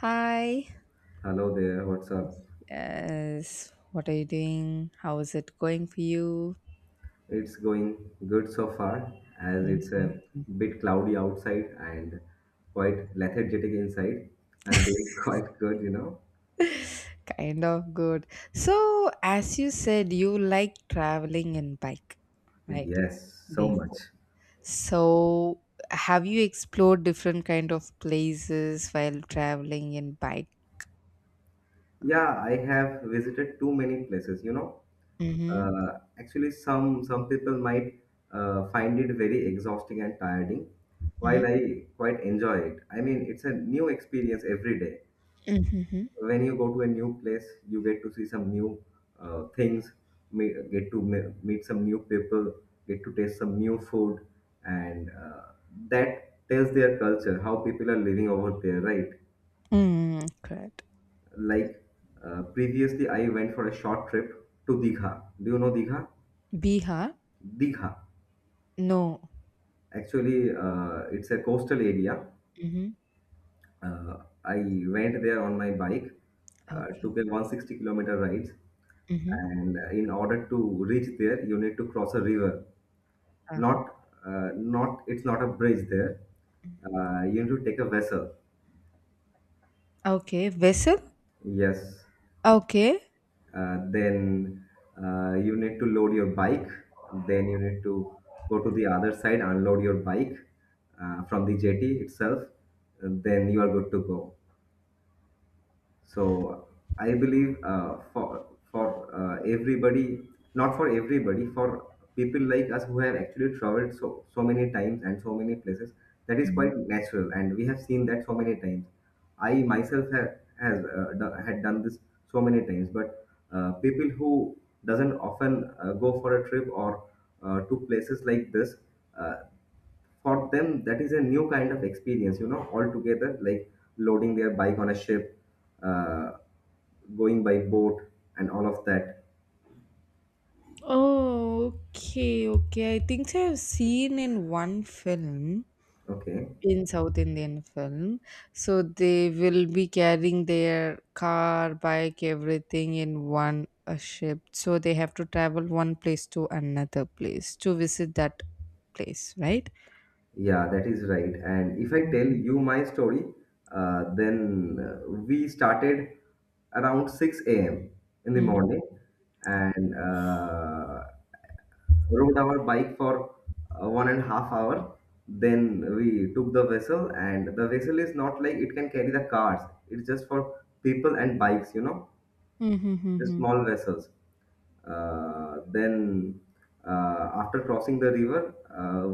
Hi. Hello there, what's up? Yes. What are you doing? How is it going for you? It's going good so far as it's Mhm. a bit cloudy outside and quite lethargic inside. I'm doing quite good. Kind of good. So, as you said, you like traveling in bike, right? Yes, so much. Before. So, have you explored different kind of places while traveling in bike? Yeah, I have visited too many places. Mm-hmm. Actually, some people might find it very exhausting and tiring, Mm-hmm. while I quite enjoy it. I mean, it's a new experience every day. Mm-hmm. When you go to a new place, you get to see some new things, meet some new people, get to taste some new food, and that tells their culture, how people are living over there, right? Mm, correct. Like, previously I went for a short trip to Digha. Do you know Digha? Bihar? Digha, No. actually, it's a coastal area. Mm-hmm. uh, I went there on my bike. Took Okay. a 160-kilometer ride. Mm-hmm. And in order to reach there, you need to cross a river. Ah. Not not It's not a bridge there. You need to take a vessel. Okay. Vessel? Yes. Okay. Then you need to load your bike, then you need to go to the other side, unload your bike from the jetty itself, and then you are good to go. So I believe, for everybody, not for everybody, for people like us who have actually traveled so many times and so many places, that is quite natural, and we have seen that so many times. I myself had done this so many times. But people who doesn't often go for a trip or to places like this, uh, for them that is a new kind of experience, altogether, like loading their bike on a ship, uh, going by boat, and all of that. Oh, okay, okay. I think so I've seen in one film, Okay. in South Indian film. So they will be carrying their car, bike, everything in one ship. So they have to travel one place to another place to visit that place, right? Yeah, that is right. And if I tell Mm-hmm. you my story, then we started around 6 a.m. in the Mm-hmm. morning, and rode our bike for 1.5 hour. Then we took the vessel, and the vessel is not like it can carry the cars, it's just for people and bikes, the Mm-hmm. small vessels. Then, after crossing the river,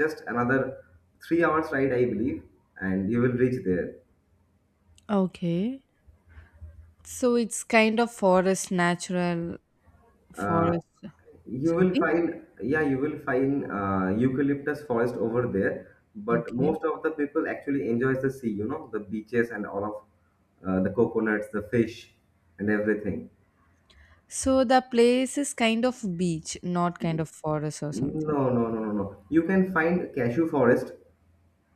just another 3 hours ride, I believe, and you will reach there. Okay. So it's kind of forest, natural Uh, forest, you will something. find, yeah, you will find eucalyptus forest over there. But Okay. most of the people actually enjoys the sea, the beaches and all of the coconuts, the fish, and everything. So the place is kind of beach, not kind of forest or No, something. no, no, no, no. You can find cashew forest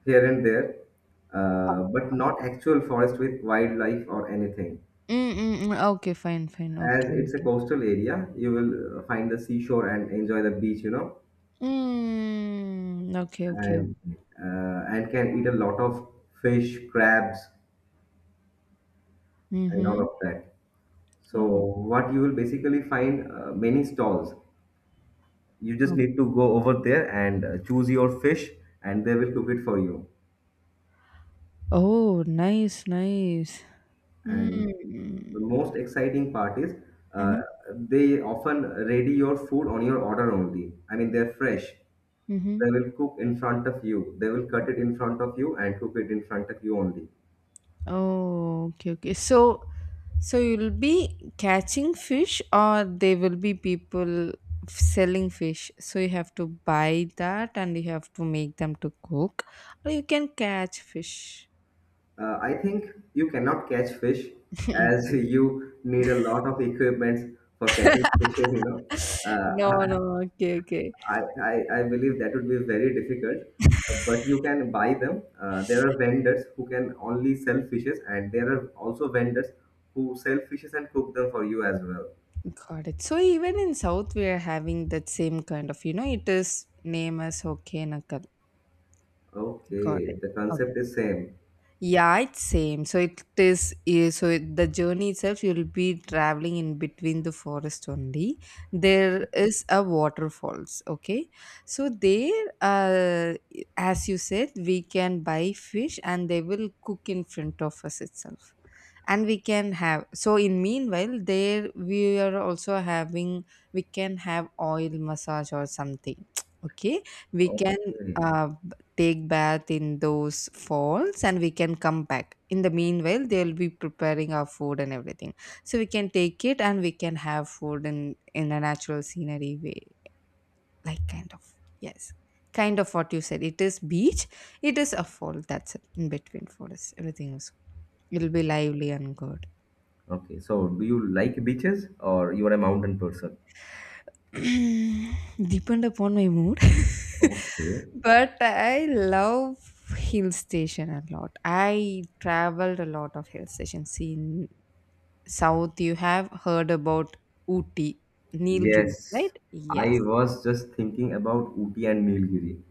here and there, Oh, but not okay. actual forest with wildlife or anything. Mm, mm, mm. Okay, fine, fine. As Okay, it's a okay. coastal area, you will find the seashore and enjoy the beach, Mm, okay, okay, and okay. Can eat a lot of fish, crabs, and all Mm-hmm. of that. So Oh, what you will basically find many stalls. You just oh, need to go over there and choose your fish, and they will cook it for you. oh, nice, nice. And the Mm, most exciting part is uh, uh-huh. they often ready your food on your order only. I mean, they're fresh. Mm-hmm. They will cook in front of you. They will cut it in front of you and cook it in front of you only. Oh, okay, okay. So, so you'll be catching fish, or there will be people selling fish. So you have to buy that, and you have to make them to cook, or you can catch fish. I think you cannot catch fish as you need a lot of equipment for catching fishes. No, Uh, I no, okay, okay, I believe that would be very difficult, but you can buy them. There are vendors who can only sell fishes, and there are also vendors who sell fishes and cook them for you as well. got it. So even in South, we are having that same kind of, you know, it is name as okay, nakal. Got Okay, it. the concept is same. Yeah, it's same. So it is. So it, the journey itself, you'll be traveling in between the forest only. There is a waterfalls. Okay, so there, as you said, we can buy fish and they will cook in front of us itself, and we can have. So in meanwhile, there we are also having, we can have oil massage or something okay, we can Okay, take bath in those falls and we can come back. In the meanwhile, they'll be preparing our food and everything, so we can take it and we can have food in a natural scenery way, like kind of, yes, kind of what you said. It is beach, it is a fall, that's it. In between for us everything is, it'll be lively and good. okay. So, do you like beaches or you are a mountain person? Depend upon my mood. Okay. But I love hill station a lot. I traveled a lot of hill stations in South. You have heard about Ooty, Nilgiris, right? Yes, I Yes. was just thinking about Uti and Nilgiri.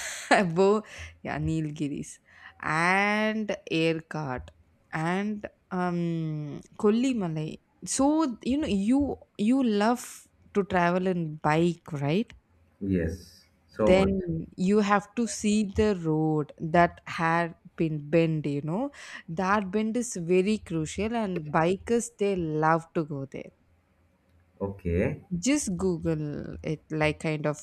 Bo, yeah, Nilgiris. And Erkat and Kollimalai. So you know, you love to travel in bike, right? Yes, so much. Then you have to see the road that had been bend, you know, that bend is very crucial and bikers they love to go there. Okay. Just google it, like kind of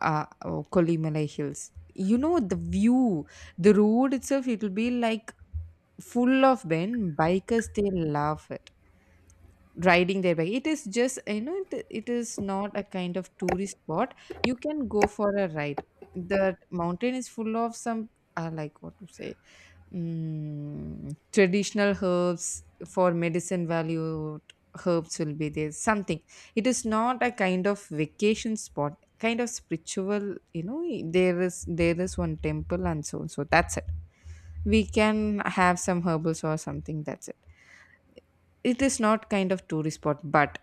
oh, Kolimala hills, you know. The view, the road itself, it will be like full of bend. Bikers they love it, riding their bike. It is just, you know, it is not a kind of tourist spot. You can go for a ride. The mountain is full of some like what to say, traditional herbs for medicine value. Herbs will be there something. It is not a kind of vacation spot, kind of spiritual, you know. There is one temple and so on, so that's it. We can have some herbals or something, that's it. It is not kind of tourist spot, but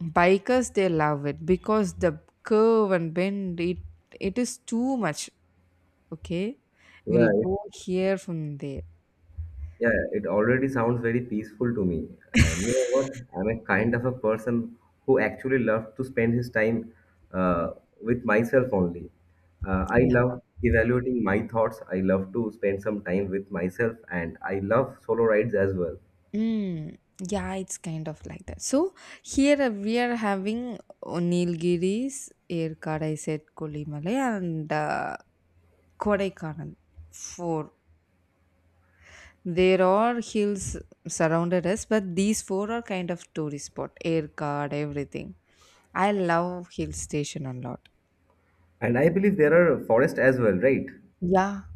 bikers they love it because the curve and bend, it is too much. Okay. We'll Yeah, go here from there. yeah, it already sounds very peaceful to me. And you know what? I'm a kind of a person who actually loves to spend his time uh, with myself only. I Yeah. love evaluating my thoughts. I love to spend some time with myself, and I love solo rides as well. Mm, yeah, it's kind of like that. So here we are having Nilgiris, Erkad, I said Kolimalai, and Kodaikanal. Four. There are hills surrounded us, but these four are kind of tourist spot. Erkad, everything. I love hill station a lot. And I believe there are forests as well, right? Yeah.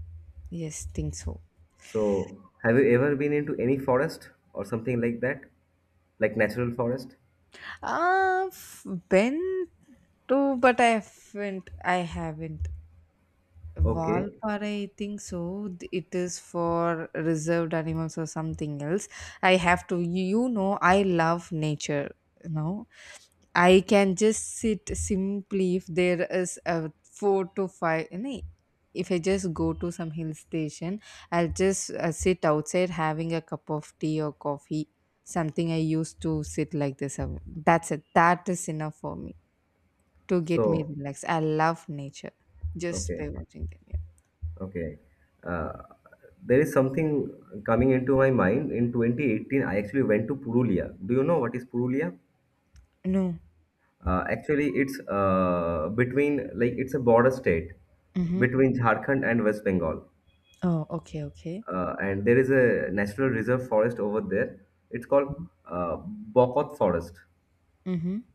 Yes, think so. So, have you ever been into any forest or something like that, like natural forest? Been to, but I haven't. I haven't. Okay. Valpara, I think so. It is for reserved animals or something else. I have to. You know, I love nature. You know, I can just sit simply if there is a four to five. Nee, if I just go to some hill station, I'll just sit outside having a cup of tea or coffee. Something I used to sit like this. That's it. That is enough for me to get me So, relaxed. I love nature just okay. by watching them. Yeah. Okay. Uh, there is something coming into my mind. In 2018, I actually went to Purulia. Do you know what is Purulia? No. Actually, it's between, like, it's a border state Mm-hmm. between Jharkhand and West Bengal. Oh, okay, okay. And there is a national reserve forest over there. It's called uh, Bokot Forest. Mm-hmm.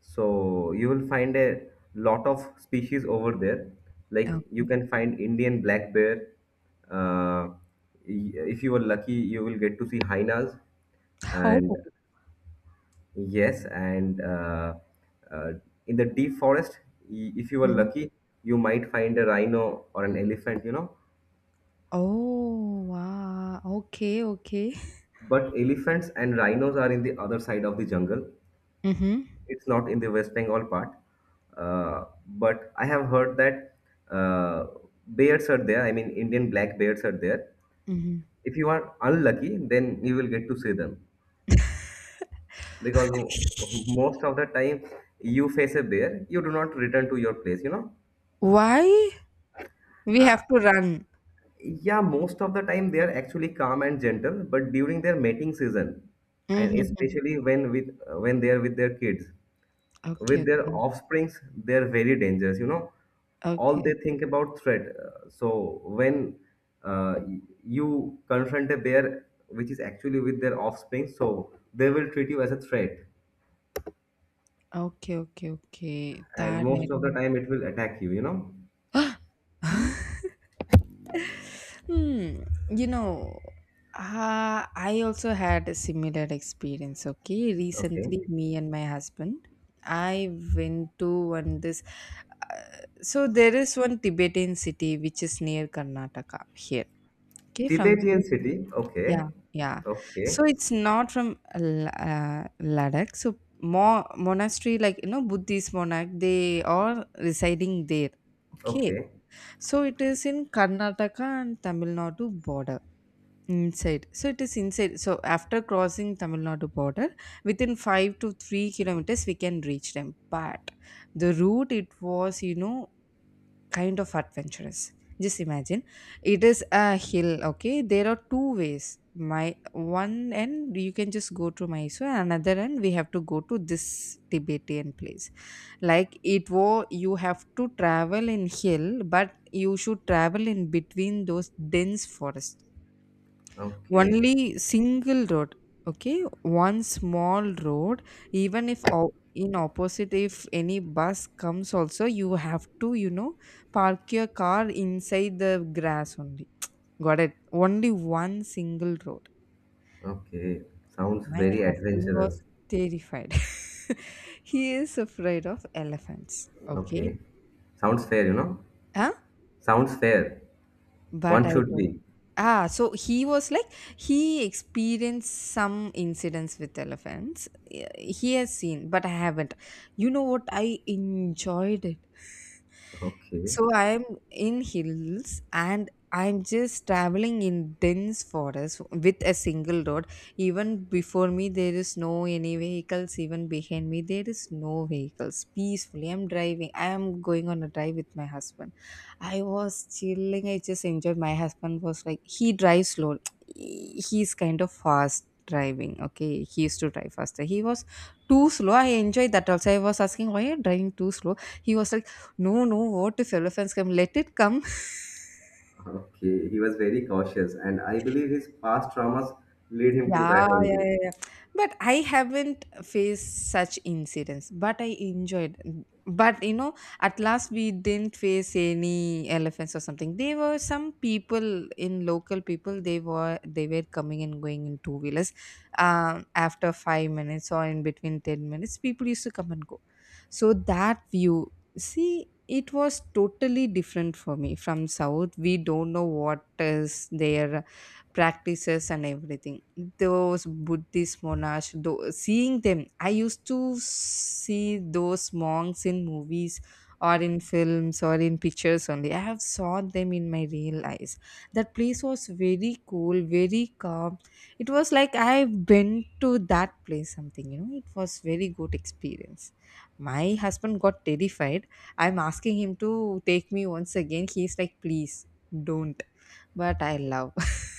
So you will find a lot of species over there. Like you Okay. can find Indian black bear. Uh, if you are lucky, you will get to see hyenas. And Oh. yes, and uh, in the deep forest, if you are Mm-hmm. lucky, you might find a rhino or an elephant. Oh, wow. Okay, okay. But elephants and rhinos are in the other side of the jungle. Mm-hmm. It's not in the West Bengal part, but I have heard that uh, bears are there. I mean, Indian black bears are there. Mm-hmm. If you are unlucky, then you will get to see them, because most of the time you face a bear, you do not return to your place. You know, Why? We have to run. yeah, most of the time they are actually calm and gentle, but during their mating season, and Mhm. especially when they are with their kids, Okay, with their okay. offsprings, they're very dangerous. All Okay. they think about threat. So when you confront a bear which is actually with their offspring, so they will treat you as a threat, Okay, okay, okay. and That I most of the don't. time it will attack you you know Hmm. You know, I also had a similar experience. Okay, Okay. recently, me and my husband, I went to one this. So there is one Tibetan city which is near Karnataka here. Okay, from, Tibetan city, okay. yeah, yeah. Okay. So it's not from Ladakh. So more monastery, like, you know, Buddhist monarch, they are residing there. Okay. Okay. So it is in Karnataka and Tamil Nadu border inside. So it is inside. So after crossing Tamil Nadu border, within 5 to 3 kilometers, we can reach them. But the route it was, you know, kind of adventurous. Just imagine, it is a hill. Okay, there are two ways. My one end you can just go to Mysore, and another end we have to go to this Tibetan place. Like it was, you have to travel in hill, but you should travel in between those dense forests. Okay. Only single road. Okay, one small road. Even if in opposite, if any bus comes, also you have to, you know, park your car inside the grass only. Got it? Only one single road. Okay. Sounds My very husband was adventurous. terrified. He is afraid of elephants. Okay. Okay. Sounds fair, Huh? sounds fair. But One I should don't. be Ah, so he was like, he experienced some incidents with elephants. Eh, he has seen, but I haven't. You know what? I enjoyed it. okay. So I'm in hills and I'm just traveling in dense forest with a single road. Even before me, there is no any vehicles. Even behind me, there is no vehicles. Peacefully, I'm driving. I am going on a drive with my husband. I was chilling. I just enjoyed. My husband was like, he drives slow. He's kind of fast driving. Okay, he used to drive faster. He was too slow. I enjoyed that also. I was asking, why are you driving too slow? He was like, no, no, what if elephants come? Let it come. Okay, he was very cautious, and I believe his past traumas lead him to Yeah, that yeah, only. yeah, yeah. But I haven't faced such incidents, but I enjoyed. But you know, at last we didn't face any elephants or something. There were some people in local people. They were coming and going in two wheelers. After 5 minutes or in between 10 minutes, people used to come and go. So that view, see, it was totally different for me from south. We don't know what is there practices and everything. Those Buddhist monash though, seeing them, I used to see those monks in movies or in films or in pictures only. I have saw them in my real eyes. That place was very cool, very calm. It was like I've been to that place something, you know. It was very good experience. My husband got terrified. I'm asking him to take me once again. He's like, please don't. But I love.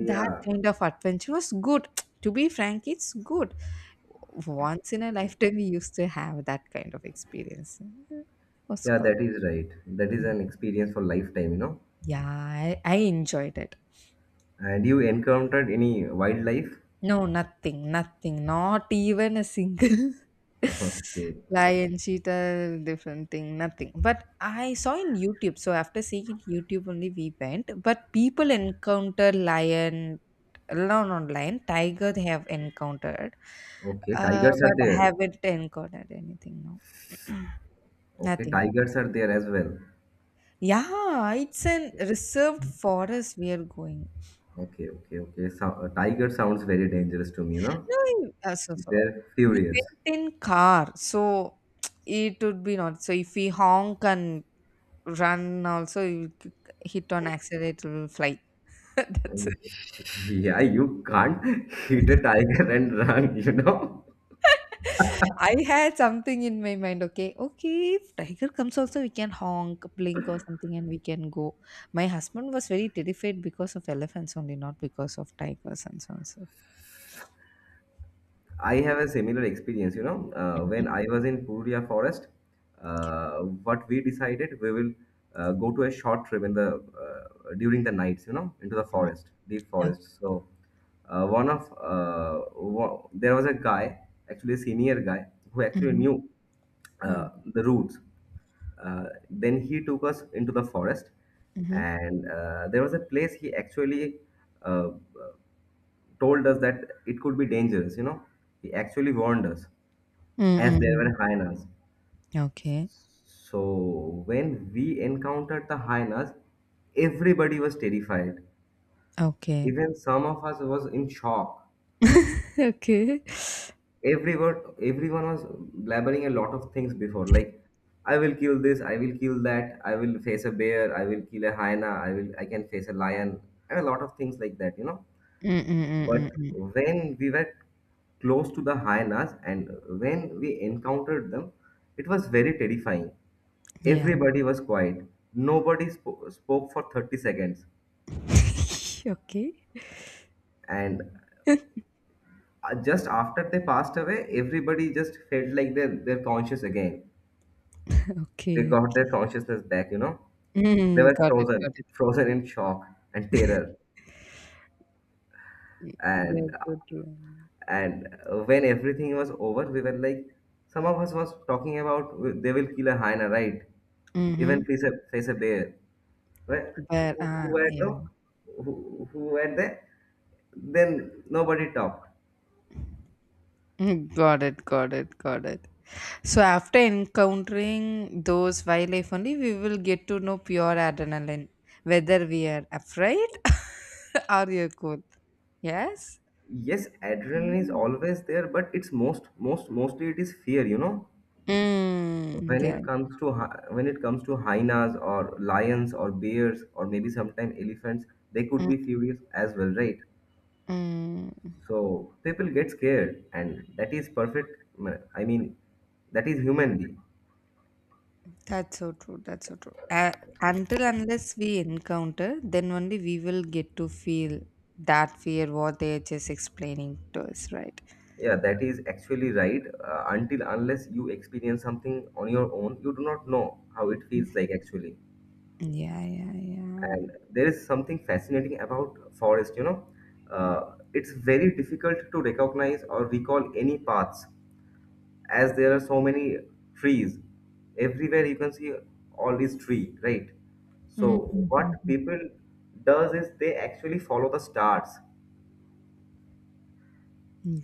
That kind of adventure was good. To be frank, it's good. Once in a lifetime, we used to have that kind of experience. It was yeah, good. that is right. That is an experience for lifetime. Yeah, I enjoyed it. And you encountered any wildlife? No, nothing, nothing. Not even a single lion, cheetah, different thing, nothing. But I saw in YouTube. So after seeing in YouTube only we went. But people encounter lion, no, not lion, tiger they have encountered. Okay, okay, tigers are But I there. haven't encountered anything, no. Okay, Nothing. tigers are there as well. Yeah, it's an Okay, reserved forest we are going. okay, okay. Okay. So, tiger sounds very dangerous to me. No, in so so They're we furious. went in car, so it would be not. So if we honk and run, also you hit on accelerator, will fly. That's it. Yeah, you can't hit a tiger and run. I had something in my mind. Okay, okay. If tiger comes, also we can honk, blink, or something, and we can go. My husband was very terrified because of elephants only, not because of tigers and so on. So. I have a similar experience, Mhm, when I was in Purulia forest. What we decided, we will go to a short trip in the during the nights, into the mhm, forest, deep okay. forest. So there was a guy, actually a senior guy, who actually Mhm, knew mm, the routes. Then he took us into the forest, mhm, and there was a place he actually uh, told us that it could be dangerous. He actually warned us mm, as mm, there mm. were hyenas. Okay. So when we encountered the hyenas, everybody was terrified. Okay. Even some of us was in shock. Okay. Everyone was blabbering a lot of things before, like I will kill this, I will kill that, I will face a bear, I will kill a hyena, I can face a lion, and a lot of things like that. Mm, mm, mm, mm, But mm. when we were close to the hyenas and when we encountered them, it was very terrifying. Yeah. Everybody was quiet. Nobody spoke for 30 seconds. Okay. And just after they passed away, everybody just felt like they're conscious again. They Okay. got their consciousness back. They Mm, were got it, frozen, got it. frozen in shock and terror. Mm, yes, And so true. and when everything was over, we were like, some of us was talking about they will kill a hyena, right? Even Mm-hmm. face a bear. Where, But who, who were the yeah. who, who were there? Then nobody talked. Mm, got it, got it, got it. So after encountering those wildlife only, we will get to know pure adrenaline, whether we are afraid or you're cool. Yes? Yes, adrenaline is Mm. always there, but it's mostly it is fear. You know, Mm, yeah. When it comes to hyenas or lions or bears or maybe sometimes elephants, they could Mm, be furious as well, right? mm. So people get scared, and that is perfect. I mean, that is humanly. That's so true. That's so true. Until unless we encounter, then only we will get to feel that fear what they are just explaining to us, right? Yeah, that is actually right. Until unless you experience something on your own, you do not know how it feels like actually. Yeah, yeah, yeah. And there is something fascinating about forest. It's very difficult to recognize or recall any paths as there are so many trees. Everywhere you can see all these tree, right? So what Mm-hmm. people does is they actually follow the stars.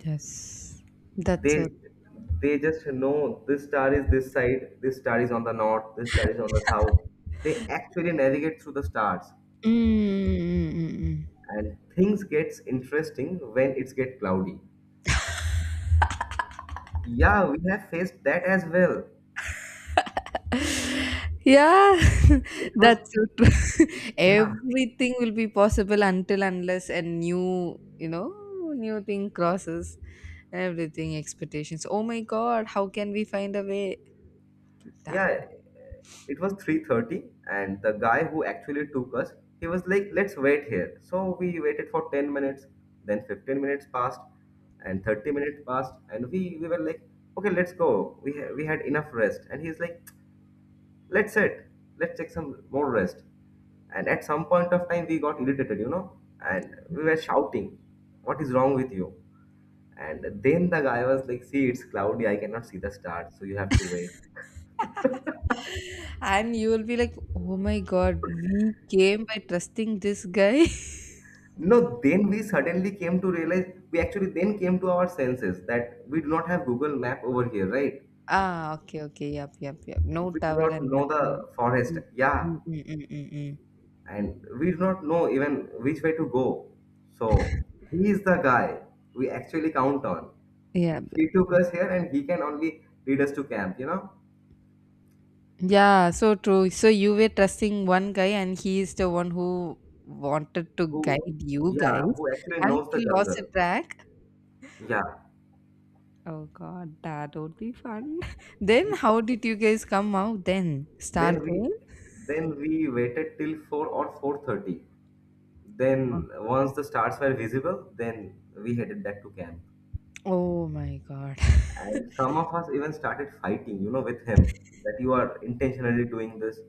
Yes. That's so. They they just know this star is this side, this star is on the north, this star is on the south. They actually navigate through the stars. Mm, mm. And things gets interesting when it's get cloudy. Yeah, we have faced that as well. Yeah, It was that's so true. Yeah, Everything will be possible until unless a new, you know, new thing crosses everything expectations. Oh my God, how can we find a way? Damn. yeah, it was 3:30, and the guy who actually took us, he was like, let's wait here. So we waited for 10 minutes, then 15 minutes passed, and 30 minutes passed, and we were like, okay, let's go. We had enough rest. And he's like, let's sit, let's take some more rest. And at some point of time, we got irritated, you know, and we were shouting, what is wrong with you? And then the guy was like, see, it's cloudy, I cannot see the stars, so you have to wait. And you will be like, oh my god, we came by trusting this guy. No, then we suddenly came to realize, we actually then came to our senses that we do not have Google Map over here, right? Okay, okay, yep, yep, yep. No We do tower not and know nothing. the forest, Mm, yeah, mm, mm, mm, mm, mm. and we do not know even which way to go. So he is the guy we actually count on. Yeah, b- He took us here, and he can only lead us to camp, you know, yeah, so true. So you were trusting one guy, and he is the one who wanted to who, guide you yeah, guys, who actually and knows the he lost the jungle. track. Yeah. Oh god, that would be fun. Then how did you guys come out then? Star Then we Queen? then we waited till 4 or 4:30. Then once the stars were visible, then we headed back to camp. Oh my god. And some of us even started fighting, you know, with him, that you are intentionally doing this.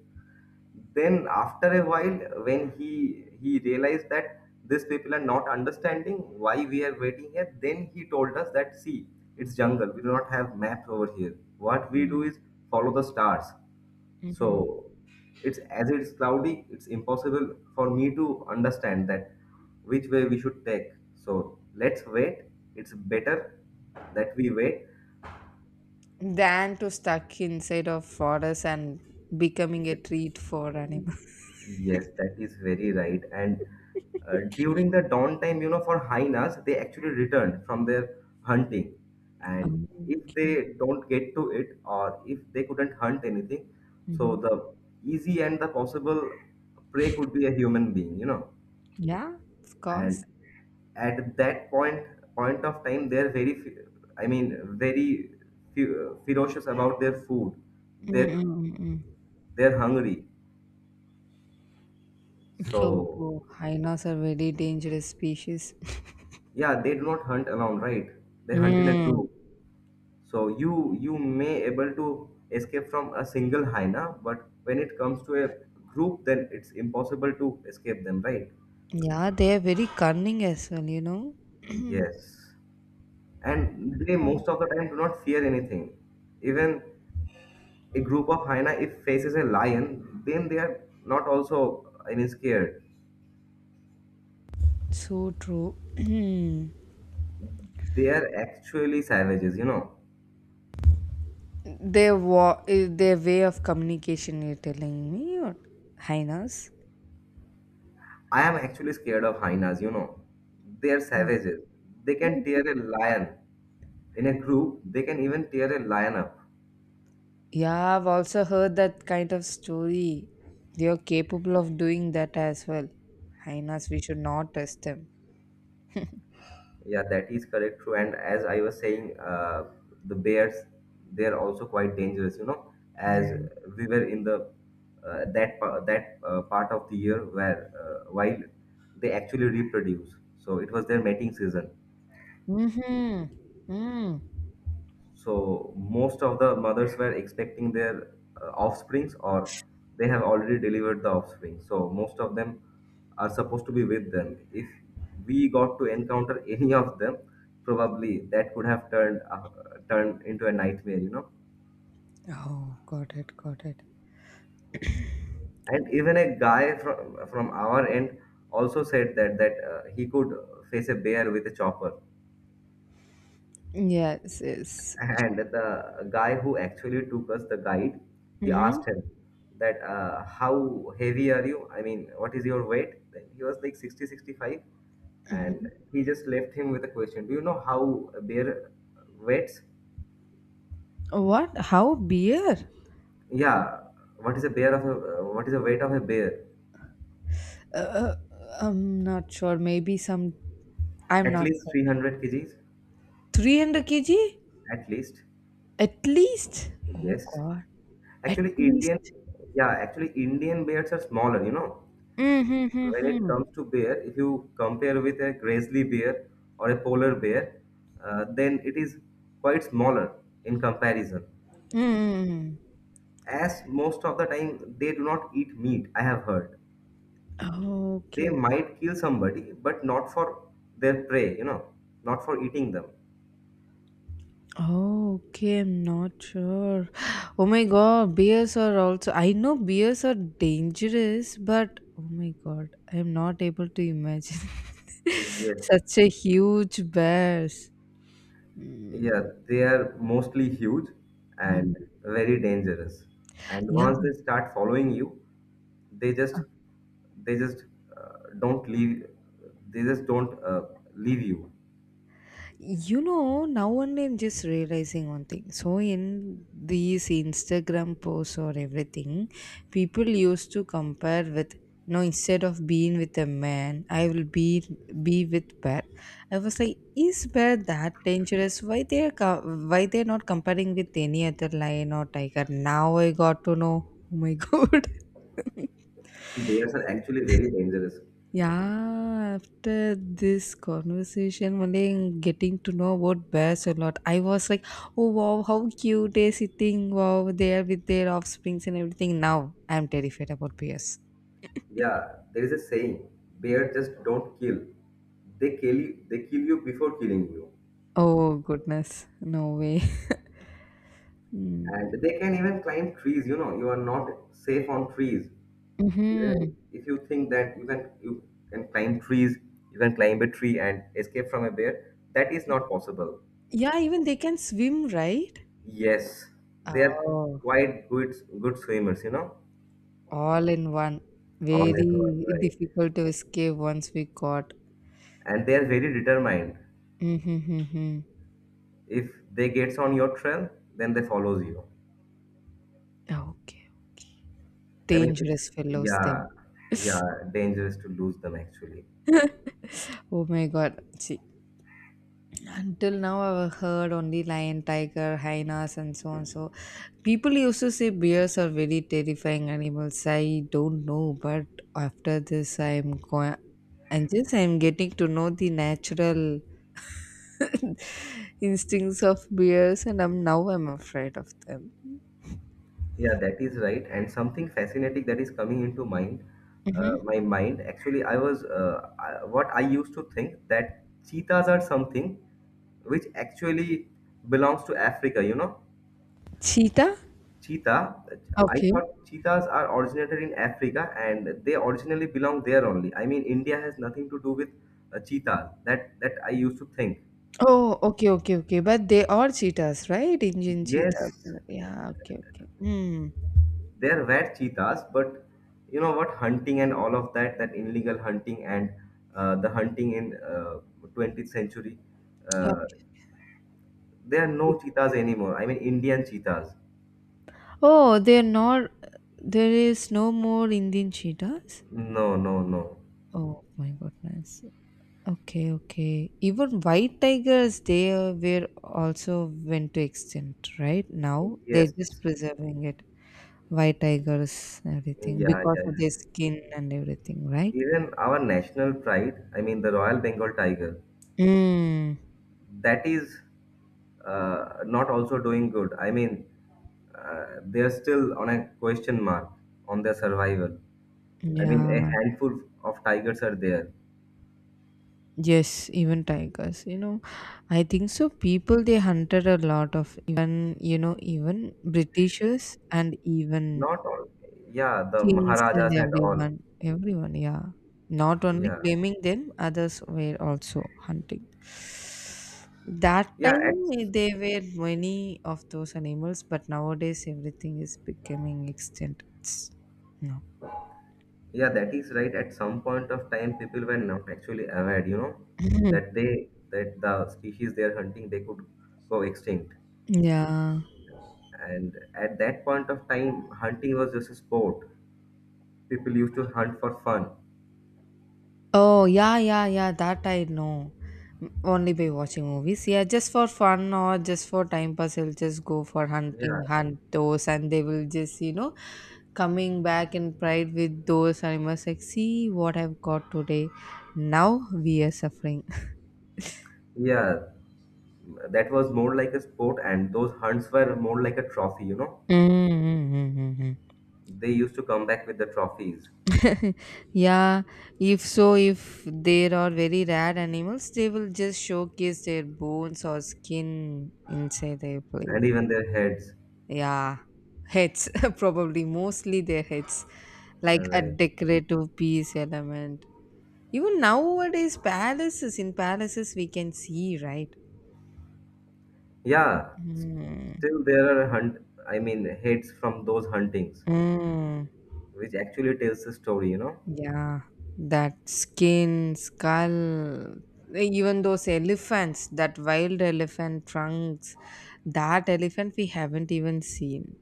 Then after a while, when he realized that these people are not understanding why we are waiting here, then he told us that, see, it's jungle. We do not have map over here. What we do is follow the stars. Mm-hmm. So it's as it's cloudy, it's impossible for me to understand that which way we should take. So let's wait. It's better that we wait. Than to stuck inside of forest and becoming a treat for animals. Yes, that is very right. And during the dawn time, you know, for hyenas, they actually returned from their hunting. And if Okay. they don't get to it, or if they couldn't hunt anything, Hmm. so the easy and the possible prey could be a human being, you know. Yeah, of And course. at that point of time, they're very I mean very fe- ferocious about their food. they're Mm-mm-mm. they're hungry. So So true. Hyenas are very dangerous species. yeah, they do not hunt alone, right? They hunt in a Mm. group. So you may able to escape from a single hyena, but when it comes to a group, then it's impossible to escape them, right? Yeah, they are very cunning as well, you know. Yes, and they most of the time do not fear anything. Even a group of hyena, if faces a lion, then they are not also, I mean, scared. So true. They are actually savages, you know. Their way of communication, you're telling me, or hyenas? I am actually scared of hyenas, you know. They are savages. They can tear Mm. a lion in a group. They can even tear a lion up. Yeah, I've also heard that kind of story. They are capable of doing that as well. Hyenas, we should not test them. Yeah, that is correct, true. And as I was saying, the bears, they are also quite dangerous, you know. Yeah. As we were in the that part of the year where while they actually reproduce, so it was their mating season. Mm-hmm. Mm. So most of the mothers were expecting their offsprings, or they have already delivered the offspring. So most of them are supposed to be with them. If we got to encounter any of them, probably that could have turned turned into a nightmare, you know. Oh, got it, got it. And even a guy from our end also said that he could face a bear with a chopper. Yes, yes. And the guy who actually took us, the guide, he Mm-hmm. asked him that, how heavy are you? I mean, what is your weight? Then he was like 60, 65. Mm-hmm. And he just left him with a question. Do you know how a bear weights? What? How beer? Yeah. What is a bear of a, what is the weight of a bear? Uh, I'm not sure. Maybe some. I'm At not least sure. 300 kgs. 300 kg? At least. At least. Oh Yes. God. At Actually, least. Indian, yeah, actually Indian bears are smaller, you know. Mm-hmm. When it Mm-hmm. comes to bear, if you compare with a grizzly bear or a polar bear, then it is quite smaller in comparison. Mm-hmm. As most of the time they do not eat meat, I have heard. They Okay. might kill somebody, but not for their prey, you know, not for eating them. Oh, okay, I'm not sure. Oh my god, bears are also. I know bears are dangerous, but oh my god, I'm not able to imagine Yes. such a huge bears. Yeah, Mm, they are mostly huge and mhm. very dangerous. And Yeah, once they start following you, they just they just don't leave. They just don't leave you. you know, now and I'm just realizing one thing. So, in these Instagram posts or everything, people used to compare with, you know, instead of being with a man, I will be with bear. I was like, is bear that dangerous? Why they are not comparing with any other lion or tiger? Now I got to know. Oh my god. Bears are actually very dangerous. Yeah, after this conversation, only getting to know about bears a lot, I was like, oh wow, how cute they're sitting, wow, they are with their offsprings and everything. Now I'm terrified about bears. Yeah, there is a saying: bear just don't kill. They kill you. They kill you before killing you. Oh goodness, no way. And they can even climb trees. You know, you are not safe on trees. Mm-hmm. Even if you think that you can climb trees, you can climb a tree and escape from a bear, that is not possible. Yeah, even they can swim, right? Yes, they are Oh, quite good swimmers, you know. all in one. All in all, Very right. difficult to escape once we caught. And they are very determined. Mm-hmm. Hmm. If they gets on your trail, then they follows you. Okay, okay. I mean, it's Dangerous fellows, then. yeah, yeah, dangerous to lose them actually. Oh my God. See, until now I've heard only lion, tiger, hyenas, and so on. So people used to say bears are very terrifying animals. I don't know, but after this, I'm going. And just I'm getting to know the natural instincts of bears, and I'm now I'm afraid of them. Yeah, that is right. And something fascinating that is coming into mind, Hmm. My mind. Actually, I was what I used to think that cheetahs are something which actually belongs to Africa. You know, Cheetah. cheetah. I Okay. thought cheetahs are originated in Africa and they originally belong there only. I mean, India has nothing to do with cheetah. That I used to think. Oh, okay, okay, okay. But they are cheetahs, right? Indian Yes, cheetah. Yeah. Okay, okay. Hmm. there were cheetahs, but you know what, hunting and all of that, that illegal hunting and the hunting in 20th century, uh, there are no Okay. cheetahs anymore. I mean Indian cheetahs. Oh, they're not. There is no more Indian cheetahs. No, no, no. Oh my goodness. Okay, okay. Even white tigers, they were also went to extinct, right? Now they're Yes. just preserving it. White tigers, everything Yeah, because yeah, of their yeah. skin and everything, right? Even our national pride, I mean the Royal Bengal Tiger, Mm, that is not also doing good. I mean they are still on a question mark on their survival. I mean a yeah. handful of tigers are there. Yes, even tigers. You know, I think so. People they hunted a lot of even you know even Britishers and even Not all. Yeah, the kings and Maharajas and all. everyone, everyone, yeah. Not only Yeah. blaming them, others were also hunting. That Yeah, at, time there were many of those animals, but nowadays everything is becoming extinct. It's- No. yeah, that is right. At some point of time, people were not actually aware, you know, that they that the species they are hunting, they could go extinct. Yeah. And at that point of time, hunting was just a sport. People used to hunt for fun. Oh, yeah, yeah, yeah, that I know. M- Only by watching movies. Yeah, just for fun or just for time pass, they will just go for Yeah, hunting, hunt those, and they will just, you know, coming back in pride with those animals. Like, see what I've got today. Now we are suffering. yeah. That was more like a sport, and those hunts were more like a trophy, you know. Mm-hmm. They used to come back with the trophies, Yeah, if so, if there are very rare animals, they will just showcase their bones or skin inside their and place. even their heads. Yeah, heads, probably mostly their heads, like a Right. decorative piece element. Even nowadays, palaces in palaces we can see, right? Yeah, Mm. still there are hunt. I mean, heads from those huntings, Mm. which actually tells the story. You know. Yeah, that skin, skull, even those elephants, that wild elephant trunks, that elephant we haven't even seen.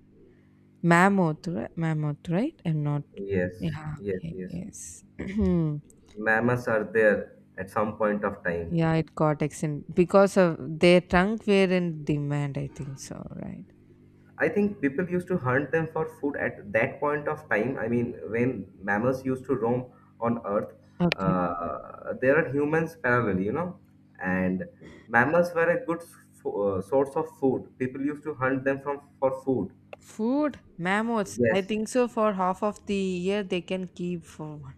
Mammoth, right? Mammoth, right? I'm not. Yes, Yeah, yes, okay, yes. yes. Mammoths are there at some point of time. Yeah, it got extended because of their trunk were in demand, I think so, right? I think people used to hunt them for food at that point of time. I mean, when mammoths used to roam on Earth, Okay. There are humans parallel, you know, and mammoths were a good source of food. People used to hunt them from for food. Food, mammals, I Yes. think so for half of the year they can keep for one.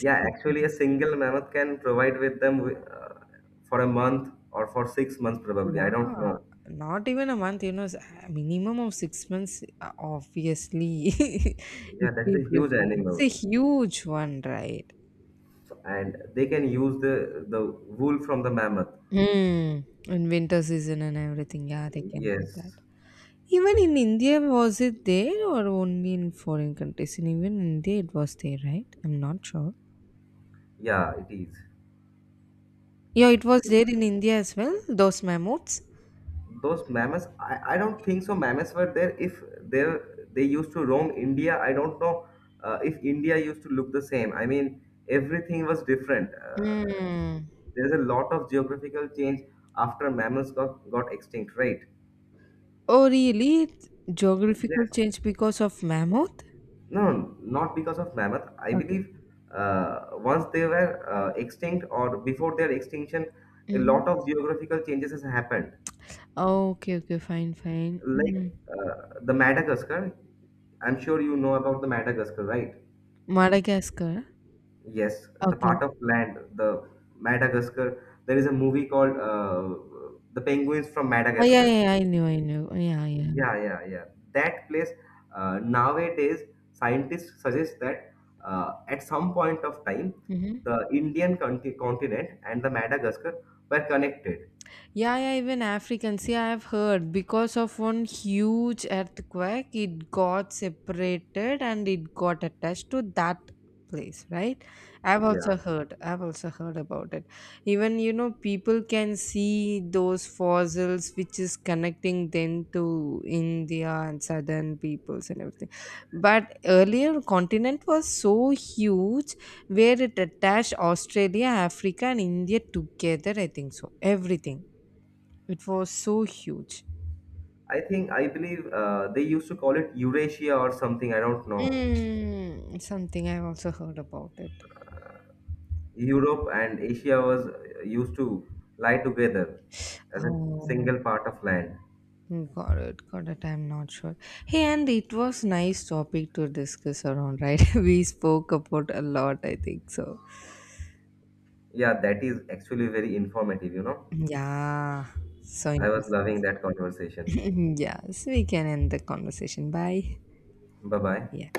Yeah, actually, Mhm. a single mammoth can provide with them for a month or for 6 months, probably. I don't Yeah, know. not even a month, you know, s- a minimum of 6 months, obviously. Yeah, If that is we a huge preserve. It's a animal. huge one, right? So, and they can use the wool from the mammoth. Mm. In winter season and everything, yeah, they can do that. Yes, Even in India, was it there or only in foreign countries? And even India, it was there, right? I'm not sure. yeah, it is. Yeah, it was there in India as well, those mammoths. Those mammoths, I don't think so. Mammoths were there if they they used to roam India. I don't know if India used to look the same. I mean, everything was different. Hmm. There's a lot of geographical change after mammoths got extinct, right? Oh, really? It's geographical Yes. change because of mammoth? No, not because of mammoth. I Okay. believe once they were extinct or before their extinction, a Hmm. lot of geographical changes has happened. Okay, okay, fine, fine. Like Mhm. The Madagascar, I'm sure you know about the Madagascar, right? Madagascar. Yes, the Okay. part of land, the Madagascar. There is a movie called The Penguins from Oh, yeah, Madagascar. yeah, yeah. I knew, I knew. Yeah, yeah. Yeah, yeah, yeah. That place nowadays scientists suggest that at some point of time Mm-hmm. the Indian continent and the Madagascar were connected. Yeah, yeah, even Africans, yeah, I've heard because of one huge earthquake, it got separated and it got attached to that place, right? Yeah, I've also heard about it. Even, you know, people can see those fossils which is connecting them to India and southern peoples and everything. But earlier, continent was so huge where it attached Australia, Africa, and India together, I think so, everything. It was so huge. I think I believe they used to call it Eurasia or something. I don't know. Mm, something I also heard about it. Europe and Asia was used to lie together as a Oh, single part of land. got it, got it. I'm not sure. Hey, and it was nice topic to discuss around, right? We spoke about a lot, I think. So, Yeah, that is actually very informative. You know, yeah, so I was interesting. loving that conversation. Yes, we can end the conversation. Bye. Bye bye. Yeah.